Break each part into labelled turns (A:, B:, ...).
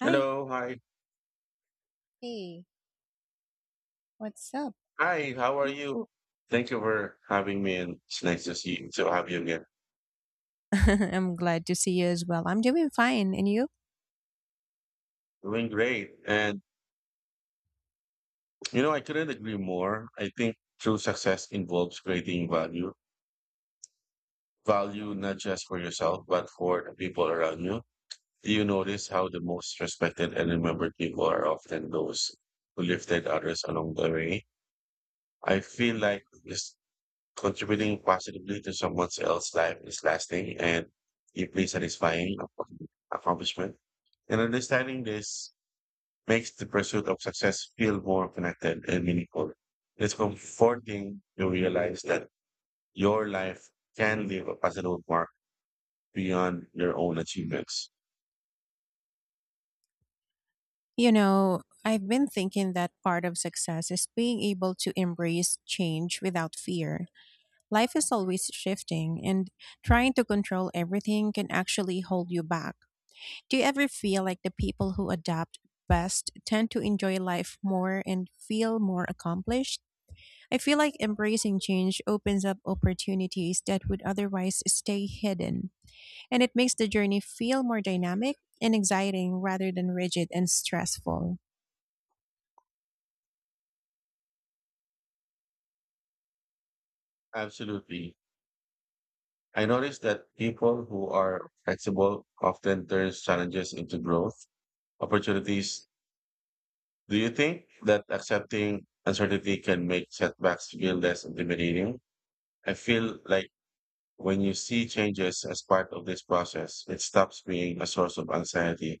A: Hi.
B: Hello, hi.
A: Hey, what's up?
B: Hi, how are you? Thank you for having me, and it's nice to see you, to have you again.
A: I'm glad to see you as well. I'm doing fine. And you?
B: Doing great. And I couldn't agree more. I think true success involves creating value. Value not just for yourself, but for the people around you. Do you notice how the most respected and remembered people are often those who lifted others along the way? I feel like this. Contributing positively to someone else's life is lasting and deeply satisfying accomplishment. And understanding this makes the pursuit of success feel more connected and meaningful. It's comforting to realize that your life can leave a positive mark beyond your own achievements.
A: You know, I've been thinking that part of success is being able to embrace change without fear. Life is always shifting, and trying to control everything can actually hold you back. Do you ever feel like the people who adapt best tend to enjoy life more and feel more accomplished? I feel like embracing change opens up opportunities that would otherwise stay hidden, and it makes the journey feel more dynamic and exciting rather than rigid and stressful.
B: Absolutely. I noticed that people who are flexible often turn challenges into growth opportunities. Do you think that accepting uncertainty can make setbacks feel less intimidating? I feel like when you see changes as part of this process, it stops being a source of anxiety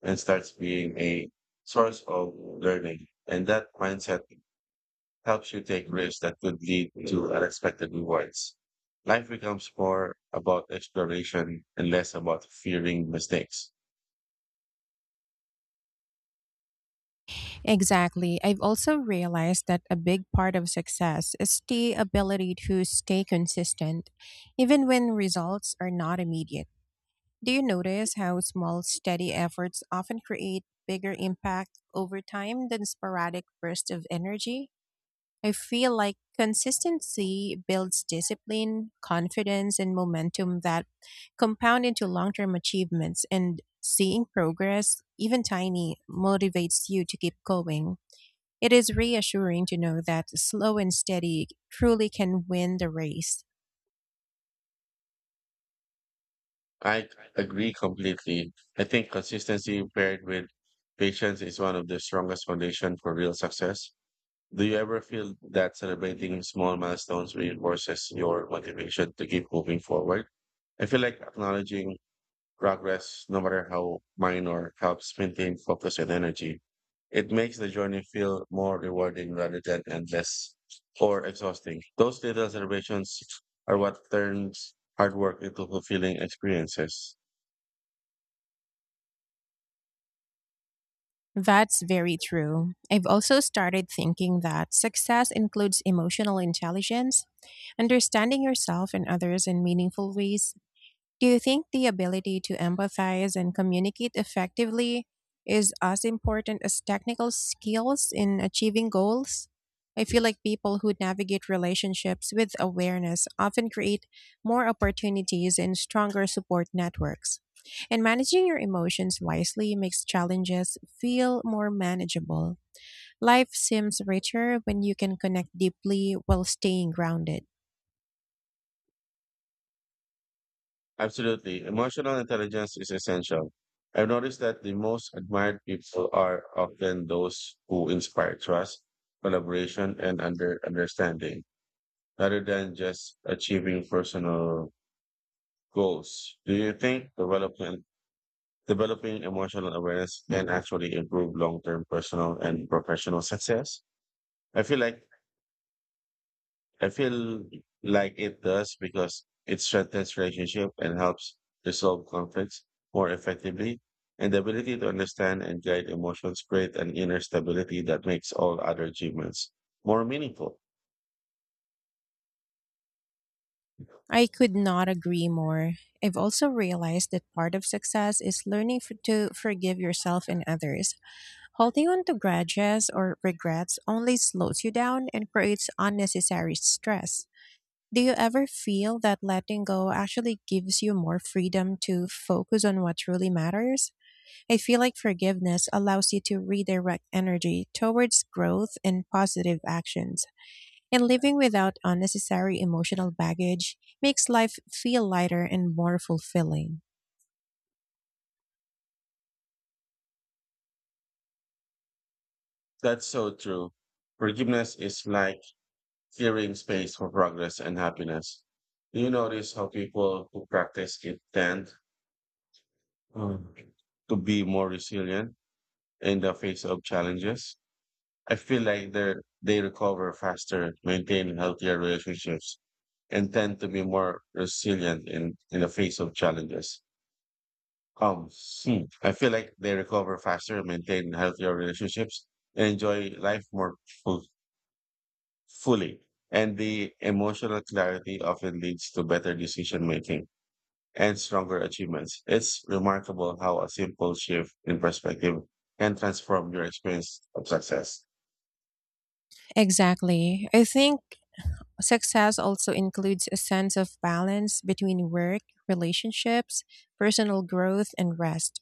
B: and starts being a source of learning. And that mindset helps you take risks that could lead to unexpected rewards. Life becomes more about exploration and less about fearing mistakes.
A: Exactly. I've also realized that a big part of success is the ability to stay consistent, even when results are not immediate. Do you notice how small, steady efforts often create bigger impact over time than sporadic bursts of energy? I feel like consistency builds discipline, confidence, and momentum that compound into long term achievements. And seeing progress, even tiny, motivates you to keep going. It is reassuring to know that slow and steady truly can win the race.
B: I agree completely. I think consistency paired with patience is one of the strongest foundation for real success. Do you ever feel that celebrating small milestones reinforces your motivation to keep moving forward? I feel like acknowledging progress, no matter how minor, helps maintain focus and energy. It makes the journey feel more rewarding rather than endless or exhausting. Those little celebrations are what turns hard work into fulfilling experiences.
A: That's very true. I've also started thinking that success includes emotional intelligence, understanding yourself and others in meaningful ways. Do you think the ability to empathize and communicate effectively is as important as technical skills in achieving goals? I feel like people who navigate relationships with awareness often create more opportunities and stronger support networks. And managing your emotions wisely makes challenges feel more manageable. Life seems richer when you can connect deeply while staying grounded.
B: Absolutely. Emotional intelligence is essential. I've noticed that the most admired people are often those who inspire trust, collaboration, and understanding, rather than just achieving personal goals. Do you think development developing emotional awareness can actually improve long-term personal and professional success? I feel like I feel like it does because it strengthens relationship and helps resolve conflicts more effectively. And the ability to understand and guide emotions create an inner stability that makes all other achievements more meaningful.
A: I could not agree more. I've also realized that part of success is learning to forgive yourself and others. Holding on to grudges or regrets only slows you down and creates unnecessary stress. Do you ever feel that letting go actually gives you more freedom to focus on what truly matters? I feel like forgiveness allows you to redirect energy towards growth and positive actions. And living without unnecessary emotional baggage makes life feel lighter and more fulfilling.
B: That's so true. Forgiveness is like clearing space for progress and happiness. Do you notice how people who practice it tend um, to be more resilient in the face of challenges? I feel like they recover faster, maintain healthier relationships, and tend to be more resilient in the face of challenges. Um, I feel like they recover faster, maintain healthier relationships, and enjoy life more fu- fully. And the emotional clarity often leads to better decision making and stronger achievements. It's remarkable how a simple shift in perspective can transform your experience of success.
A: Exactly. I think success also includes a sense of balance between work, relationships, personal growth, and rest.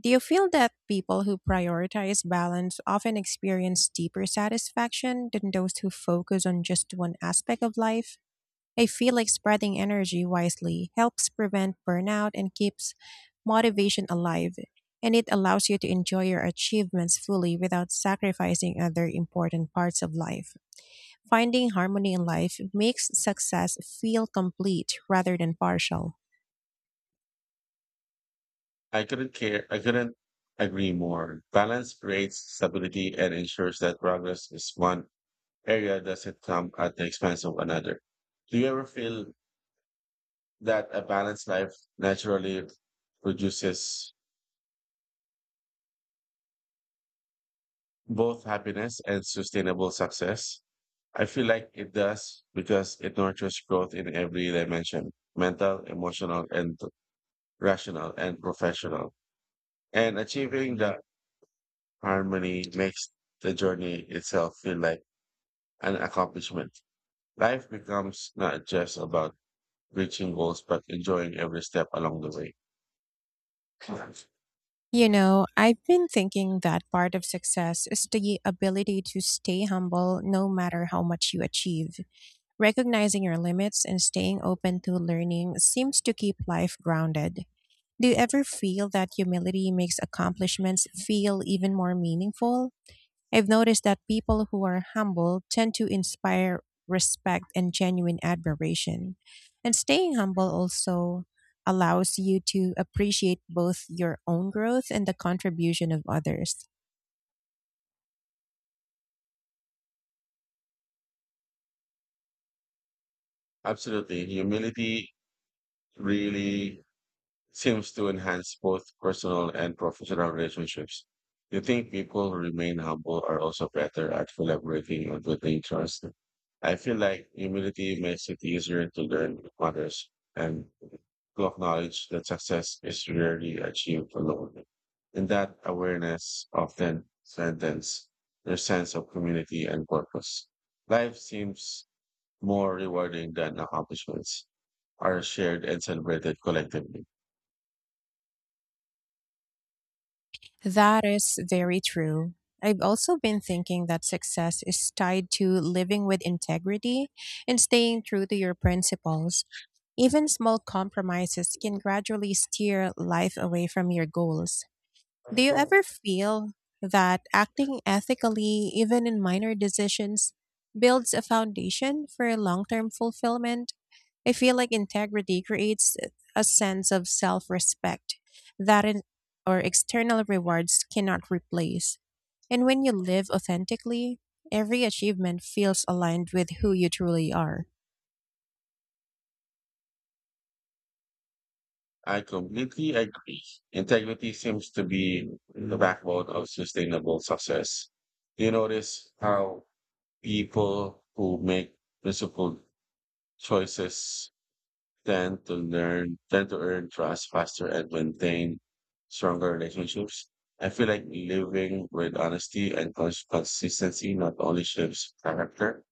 A: Do you feel that people who prioritize balance often experience deeper satisfaction than those who focus on just one aspect of life? I feel like spreading energy wisely helps prevent burnout and keeps motivation alive. And it allows you to enjoy your achievements fully without sacrificing other important parts of life. Finding harmony in life makes success feel complete rather than partial.
B: I couldn't care. I couldn't agree more. Balance creates stability and ensures that progress is one area doesn't come at the expense of another. Do you ever feel that a balanced life naturally produces both happiness and sustainable success? I feel like it does because it nurtures growth in every dimension, mental, emotional, and rational and professional. And achieving that harmony makes the journey itself feel like an accomplishment. Life becomes not just about reaching goals, but enjoying every step along the way.
A: You know, I've been thinking that part of success is the ability to stay humble no matter how much you achieve. Recognizing your limits and staying open to learning seems to keep life grounded. Do you ever feel that humility makes accomplishments feel even more meaningful? I've noticed that people who are humble tend to inspire respect and genuine admiration. And staying humble also allows you to appreciate both your own growth and the contribution of others.
B: Absolutely. Humility really seems to enhance both personal and professional relationships. You think people who remain humble are also better at collaborating and building trust. I feel like humility makes it easier to learn from others and to acknowledge that success is rarely achieved alone. And that awareness often strengthens their sense of community and purpose. Life seems more rewarding than accomplishments are shared and celebrated collectively.
A: That is very true. I've also been thinking that success is tied to living with integrity and staying true to your principles. Even small compromises can gradually steer life away from your goals.
B: I
A: Do you ever feel that acting ethically, even in minor decisions, builds a foundation for long term fulfillment? I feel like integrity creates a sense of self respect that or external rewards cannot replace. And when you live authentically, every achievement feels aligned with who you truly are.
B: completely agree. Integrity seems to be the backbone of sustainable success. Do you notice how people who make principled choices tend to earn trust faster and maintain stronger relationships. I feel like living with honesty and consistency not only shapes character,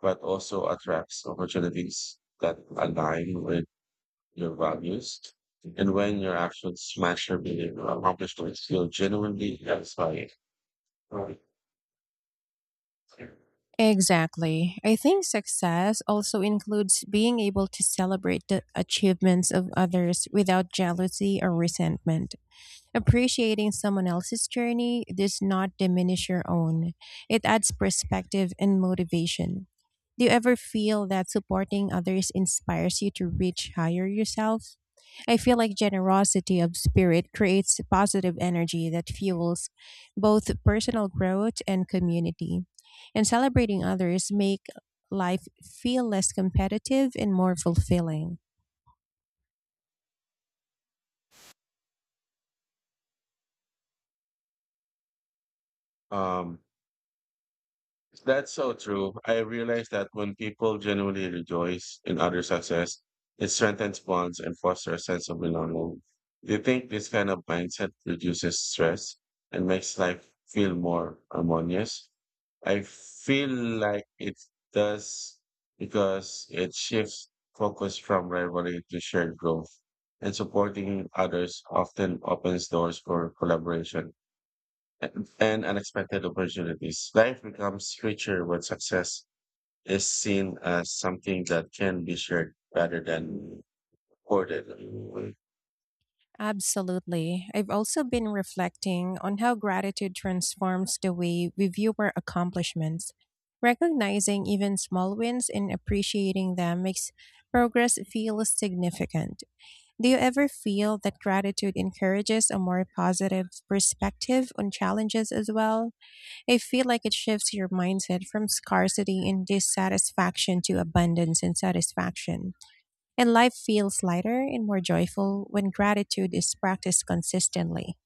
B: but also attracts opportunities that align with your values, and when your actions match your belief or accomplishments, you genuinely satisfied.
A: Exactly. I think success also includes being able to celebrate the achievements of others without jealousy or resentment. Appreciating someone else's journey does not diminish your own. It adds perspective and motivation. Do you ever feel that supporting others inspires you to reach higher yourself? I feel like generosity of spirit creates positive energy that fuels both personal growth and community. And celebrating others make life feel less competitive and more fulfilling.
B: Um, that's so true. I realize that when people genuinely rejoice in other success, it strengthens bonds and fosters a sense of belonging. Do you think this kind of mindset reduces stress and makes life feel more harmonious? I feel like it does because it shifts focus from rivalry to shared growth, and supporting others often opens doors for collaboration and unexpected opportunities. Life becomes richer when success is seen as something that can be shared rather than hoarded.
A: Absolutely. I've also been reflecting on how gratitude transforms the way we view our accomplishments. Recognizing even small wins and appreciating them makes progress feel significant. Do you ever feel that gratitude encourages a more positive perspective on challenges as well? I feel like it shifts your mindset from scarcity and dissatisfaction to abundance and satisfaction. And life feels lighter and more joyful when gratitude is practiced consistently.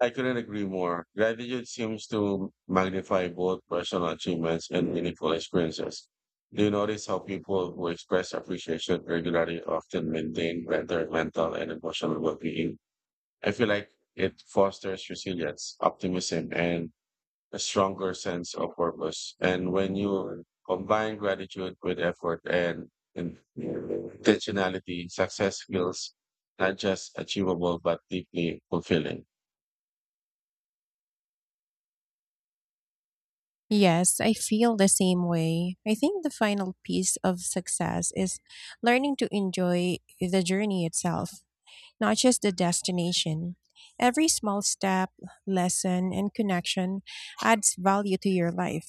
B: I couldn't agree more. Gratitude seems to magnify both personal achievements and meaningful experiences. Do you notice how people who express appreciation regularly often maintain better mental and emotional well being? I feel like it fosters resilience, optimism, and a stronger sense of purpose. And when you combine gratitude with effort and intentionality, success feels not just achievable but deeply fulfilling.
A: Yes, I feel the same way. I think the final piece of success is learning to enjoy the journey itself, not just the destination. Every small step, lesson, and connection adds value to your life.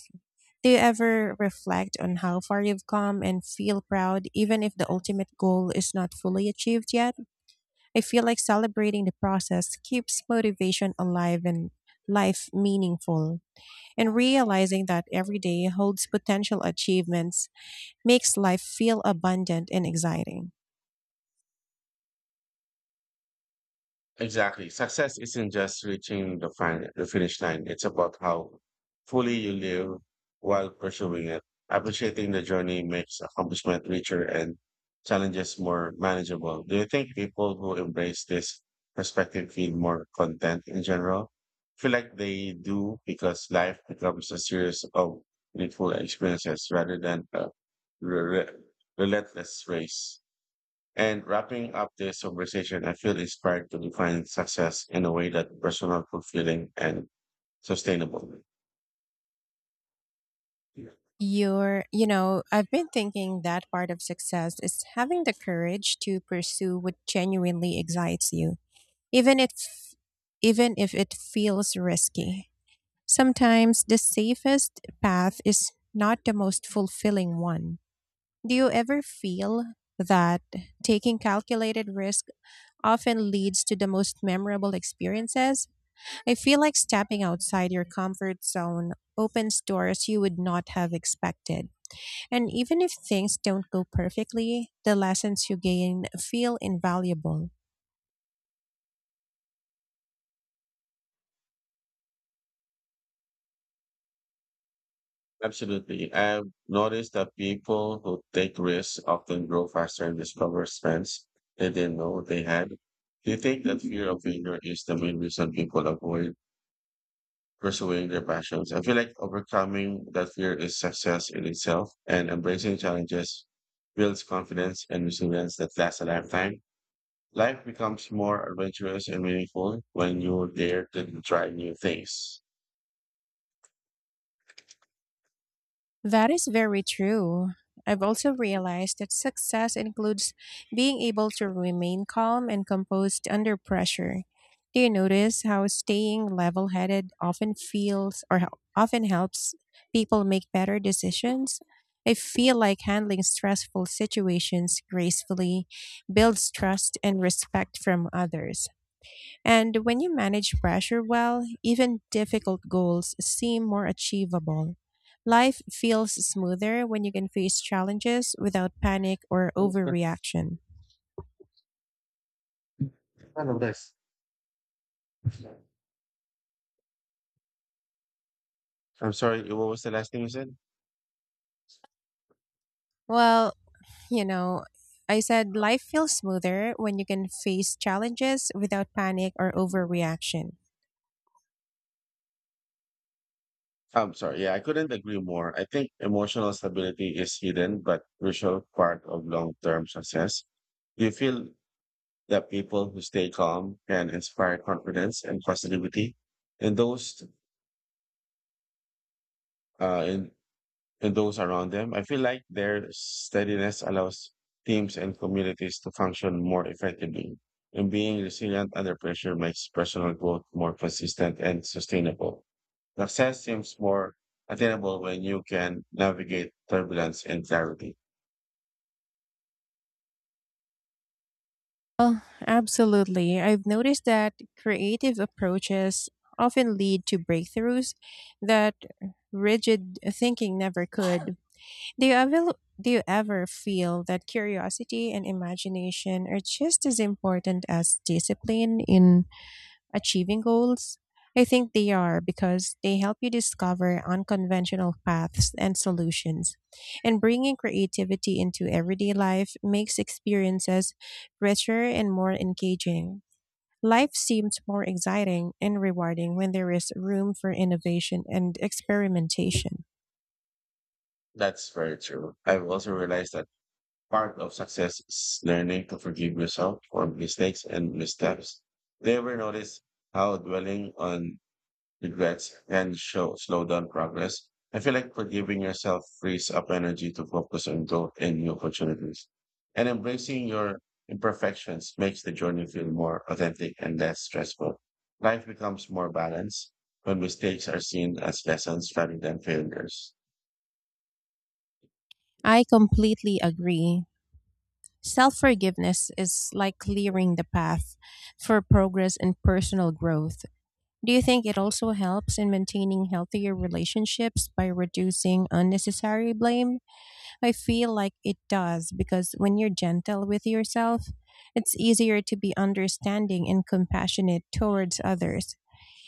A: Do you ever reflect on how far you've come and feel proud even if the ultimate goal is not fully achieved yet? I feel like celebrating the process keeps motivation alive and life meaningful. And realizing that every day holds potential achievements makes life feel abundant and exciting.
B: Exactly. Success isn't just reaching the finish line. It's about how fully you live while pursuing it. Appreciating the journey makes accomplishment richer and challenges more manageable. Do you think people who embrace this perspective feel more content in general? Feel like they do because life becomes a series of meaningful experiences rather than a re- re- relentless race. And wrapping up this conversation, I feel inspired to define success in a way that personal, fulfilling, and sustainable.
A: You know, I've been thinking that part of success is having the courage to pursue what genuinely excites you, even if even if it feels risky. Sometimes the safest path is not the most fulfilling one. Do you ever feel that taking calculated risk often leads to the most memorable experiences? I feel like stepping outside your comfort zone opens doors you would not have expected. And even if things don't go perfectly, the lessons you gain feel invaluable.
B: Absolutely. I've noticed that people who take risks often grow faster and discover strengths they didn't know they had. Do you think that fear of failure is the main reason people avoid pursuing their passions? I feel like overcoming that fear is success in itself, and embracing challenges builds confidence and resilience that lasts a lifetime. Life becomes more adventurous and meaningful when you dare to try new things.
A: That is very true. I've also realized that success includes being able to remain calm and composed under pressure. Do you notice how staying level headed often helps people make better decisions? I feel like handling stressful situations gracefully builds trust and respect from others. And when you manage pressure well, even difficult goals seem more achievable. Life feels smoother when you can face challenges without panic or
B: Kind
A: overreaction.
B: of this. I'm sorry, what was the last thing you said?
A: Well, you know, I said life feels smoother when you can face challenges without panic or overreaction.
B: I'm sorry. Yeah, I couldn't agree more. I think emotional stability is hidden but crucial part of long-term success. You feel that people who stay calm can inspire confidence and positivity in those in and those around them. I feel like their steadiness allows teams and communities to function more effectively. And being resilient under pressure makes personal growth more consistent and sustainable. Success seems more attainable when you can navigate turbulence and clarity.
A: Well, absolutely. I've noticed that creative approaches often lead to breakthroughs that rigid thinking never could. Do you ever, do you ever feel that curiosity and imagination are just as important as discipline in achieving goals? I think they are because they help you discover unconventional paths and solutions. And bringing creativity into everyday life makes experiences richer and more engaging. Life seems more exciting and rewarding when there is room for innovation and experimentation.
B: That's very true. I've also realized that part of success is learning to forgive yourself for mistakes and missteps. Do you ever notice how dwelling on regrets, and show slow down progress. I feel like forgiving yourself frees up energy to focus on growth and new opportunities. And embracing your imperfections makes the journey feel more authentic and less stressful. Life becomes more balanced when mistakes are seen as lessons rather than failures.
A: I completely agree. Self forgiveness is like clearing the path for progress and personal growth. Do you think it also helps in maintaining healthier relationships by reducing unnecessary blame? I feel like it does because when you're gentle with yourself, it's easier to be understanding and compassionate towards others.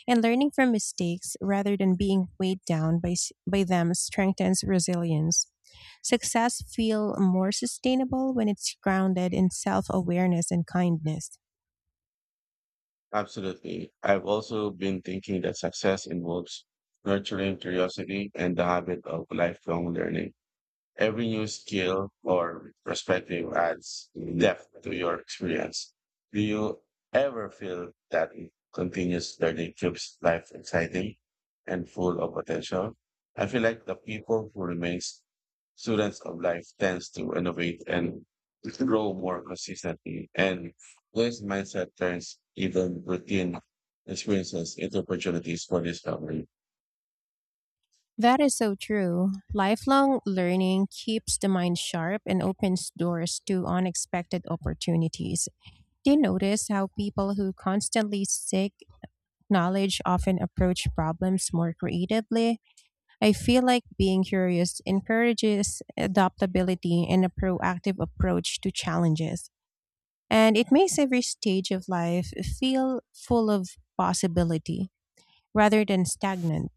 A: And learning from mistakes rather than being weighed down by them strengthens resilience. Success feel more sustainable when it's grounded in self-awareness and kindness.
B: Absolutely. I've also been thinking that success involves nurturing curiosity and the habit of lifelong learning. Every new skill or perspective adds depth to your experience. Do you ever feel that continuous learning keeps life exciting and full of potential? I feel like the people who remains students of life tends to innovate and grow more consistently. And this mindset turns even routine experiences into opportunities for discovery.
A: That is so true. Lifelong learning keeps the mind sharp and opens doors to unexpected opportunities. Do you notice how people who constantly seek knowledge often approach problems more creatively? I feel like being curious encourages adaptability and a proactive approach to challenges. And it makes every stage of life feel full of possibility rather than stagnant.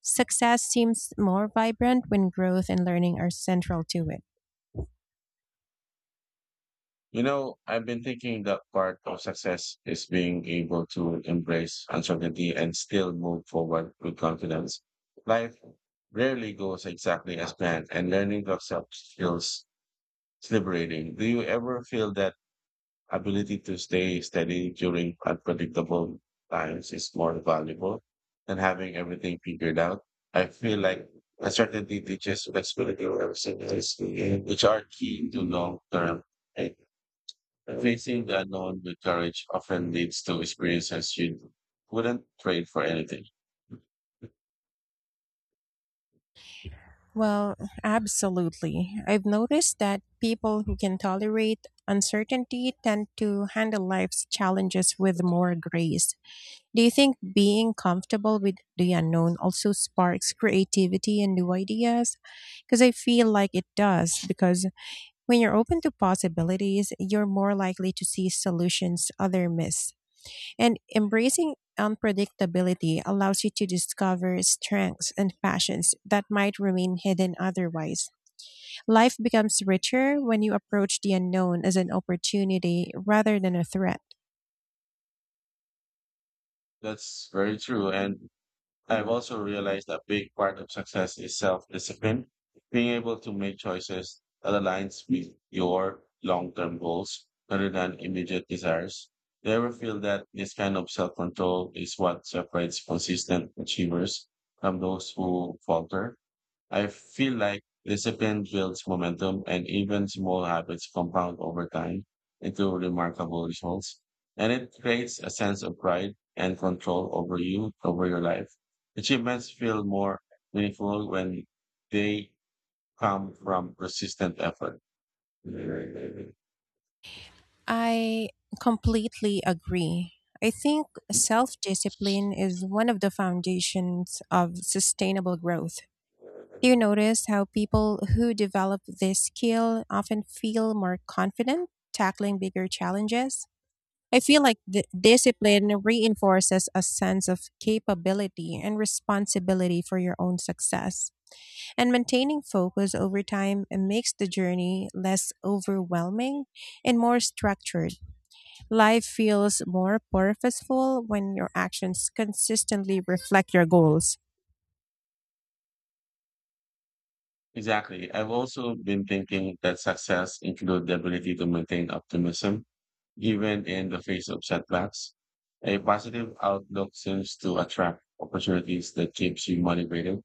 A: Success seems more vibrant when growth and learning are central to it.
B: I've been thinking that part of success is being able to embrace uncertainty and still move forward with confidence. Life rarely goes exactly as planned, and learning to accept feels liberating. Do you ever feel that ability to stay steady during unpredictable times is more valuable than having everything figured out? I feel like uncertainty teaches flexibility and resilience, which are key to long-term. Facing the unknown with courage often leads to experiences you wouldn't trade for anything.
A: Well, absolutely. I've noticed that people who can tolerate uncertainty tend to handle life's challenges with more grace. Do you think being comfortable with the unknown also sparks creativity and new ideas? Because I feel like it does, because when you're open to possibilities, you're more likely to see solutions other miss. And embracing unpredictability allows you to discover strengths and passions that might remain hidden otherwise. Life becomes richer when you approach the unknown as an opportunity rather than a threat.
B: That's very true. And I've also realized a big part of success is self-discipline, being able to make choices that aligns with your long-term goals rather than immediate desires. Do you ever feel that this kind of self-control is what separates consistent achievers from those who falter? I feel like discipline builds momentum and even small habits compound over time into remarkable results. And it creates a sense of pride and control over your life. Achievements feel more meaningful when they come from persistent effort.
A: I completely agree. I think self discipline is one of the foundations of sustainable growth. Do you notice how people who develop this skill often feel more confident tackling bigger challenges? I feel like the discipline reinforces a sense of capability and responsibility for your own success. And maintaining focus over time makes the journey less overwhelming and more structured. Life feels more purposeful when your actions consistently reflect your goals.
B: Exactly. I've also been thinking that success includes the ability to maintain optimism, even in the face of setbacks. A positive outlook seems to attract opportunities that keeps you motivated.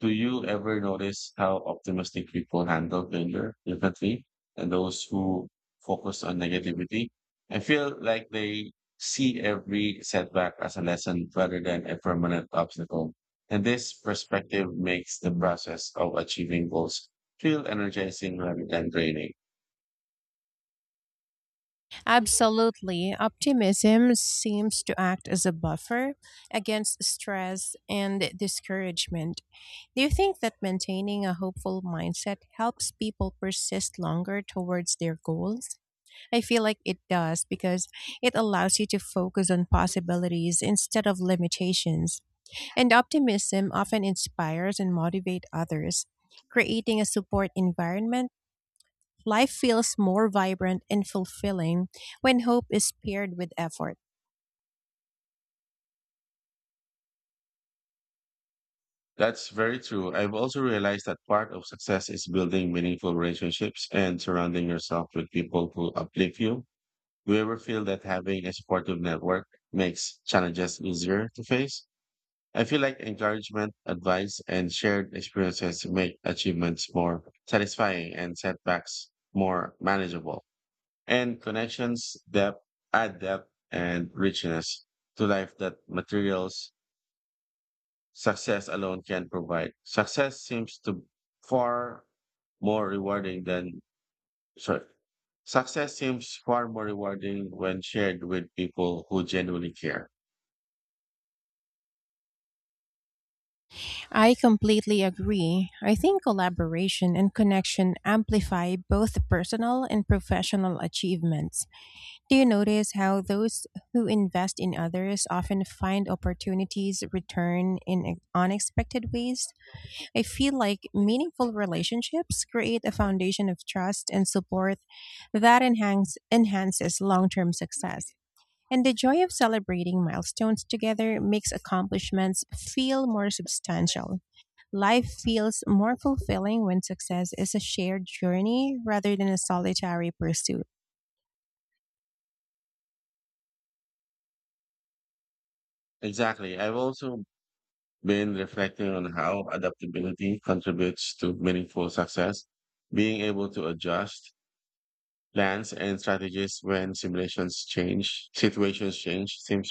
B: Do you ever notice how optimistic people handle failure differently and those who focus on negativity? I feel like they see every setback as a lesson rather than a permanent obstacle. And this perspective makes the process of achieving goals feel energizing rather than draining.
A: Absolutely. Optimism seems to act as a buffer against stress and discouragement. Do you think that maintaining a hopeful mindset helps people persist longer towards their goals? I feel like it does because it allows you to focus on possibilities instead of limitations. And optimism often inspires and motivates others. Creating a support environment, life feels more vibrant and fulfilling when hope is paired with effort.
B: That's very true. I've also realized that part of success is building meaningful relationships and surrounding yourself with people who uplift you. Do you ever feel that having a supportive network makes challenges easier to face? I feel like encouragement, advice, and shared experiences make achievements more satisfying and setbacks more manageable. And connections depth add depth and richness to life that materials success alone can provide. Success seems to far more rewarding than Sorry. Success seems far more rewarding when shared with people who genuinely care.
A: I completely agree. I think collaboration and connection amplify both personal and professional achievements. Do you notice how those who invest in others often find opportunities return in unexpected ways? I feel like meaningful relationships create a foundation of trust and support that enhances long term success. And the joy of celebrating milestones together makes accomplishments feel more substantial. Life feels more fulfilling when success is a shared journey rather than a solitary pursuit.
B: Exactly. I've also been reflecting on how adaptability contributes to meaningful success. Being able to adjust plans and strategies when situations change seems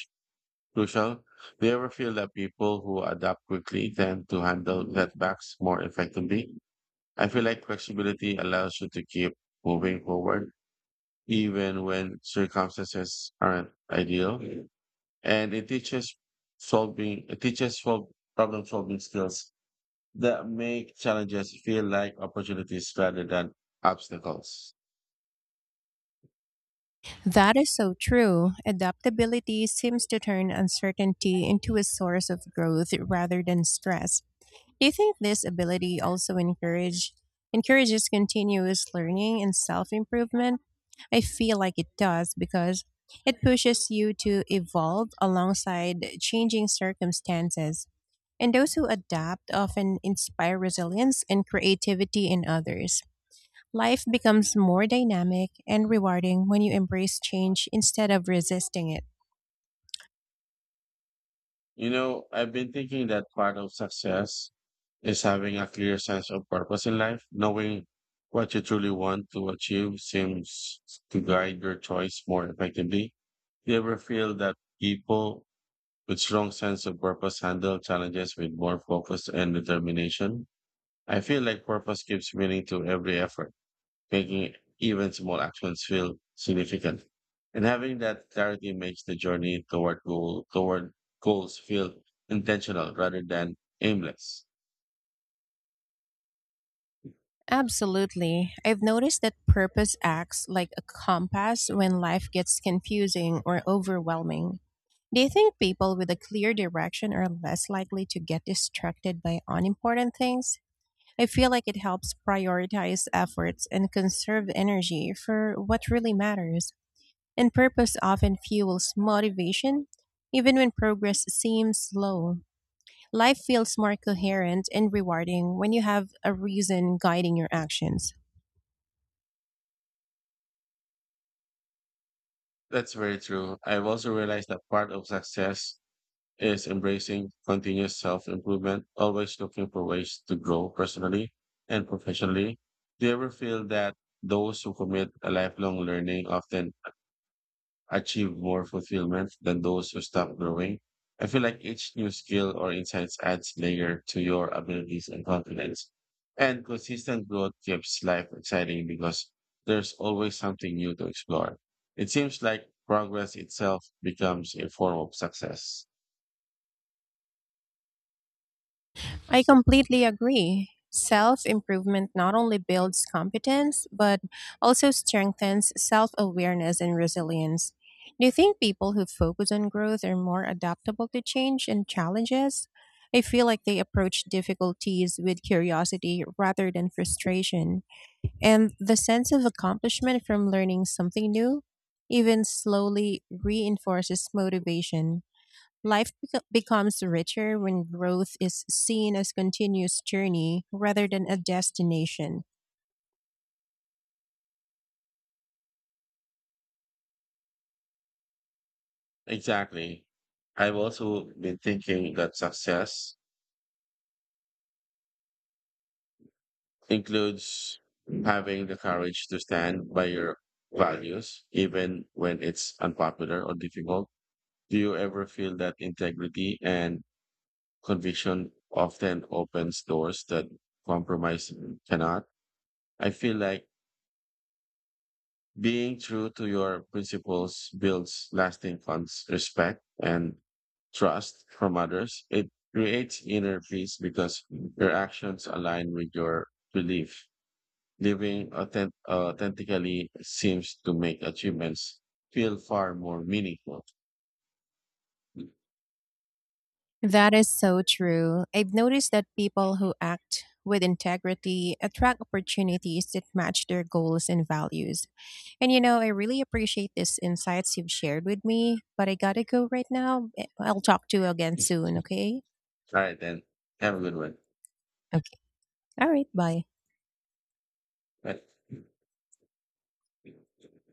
B: crucial. Do you ever feel that people who adapt quickly tend to handle setbacks more effectively? I feel like flexibility allows you to keep moving forward even when circumstances aren't ideal. And it teaches solving, it teaches sol- problem solving skills that make challenges feel like opportunities rather than obstacles.
A: That is so true. Adaptability seems to turn uncertainty into a source of growth rather than stress. Do you think this ability also encourages continuous learning and self-improvement? I feel like it does because it pushes you to evolve alongside changing circumstances. And those who adapt often inspire resilience and creativity in others. Life becomes more dynamic and rewarding when you embrace change instead of resisting it.
B: I've been thinking that part of success is having a clear sense of purpose in life. Knowing what you truly want to achieve seems to guide your choice more effectively. Do you ever feel that people with strong sense of purpose handle challenges with more focus and determination. I feel like purpose gives meaning to every effort making even small actions feel significant. And having that clarity makes the journey toward goals feel intentional rather than aimless.
A: Absolutely. I've noticed that purpose acts like a compass when life gets confusing or overwhelming. Do you think people with a clear direction are less likely to get distracted by unimportant things? I feel like it helps prioritize efforts and conserve energy for what really matters. And purpose often fuels motivation, even when progress seems slow. Life feels more coherent and rewarding when you have a reason guiding your actions.
B: That's very true. I've also realized that part of success is embracing continuous self improvement, always looking for ways to grow personally and professionally. Do you ever feel that those who commit a lifelong learning often achieve more fulfillment than those who stop growing? I feel like each new skill or insights adds layer to your abilities and confidence. And consistent growth keeps life exciting because there's always something new to explore. It seems like progress itself becomes a form of success.
A: I completely agree. Self improvement not only builds competence, but also strengthens self awareness and resilience. Do you think people who focus on growth are more adaptable to change and challenges? I feel like they approach difficulties with curiosity rather than frustration. And the sense of accomplishment from learning something new, even slowly, reinforces motivation. Becomes richer when growth is seen as continuous journey rather than a destination.
B: Exactly. I've also been thinking that success includes having the courage to stand by your values, even when it's unpopular or difficult. Do you ever feel that integrity and conviction often opens doors that compromise cannot? I feel like being true to your principles builds lasting respect and trust from others. It creates inner peace because your actions align with your belief. Living authentically seems to make achievements feel far more meaningful.
A: That is so true. I've noticed that people who act with integrity attract opportunities that match their goals and values. And you know, I really appreciate these insights you've shared with me, but I gotta go right now. I'll talk to you again soon, okay?
B: All right, then. Have a good one.
A: Okay. All right, bye.
B: Bye.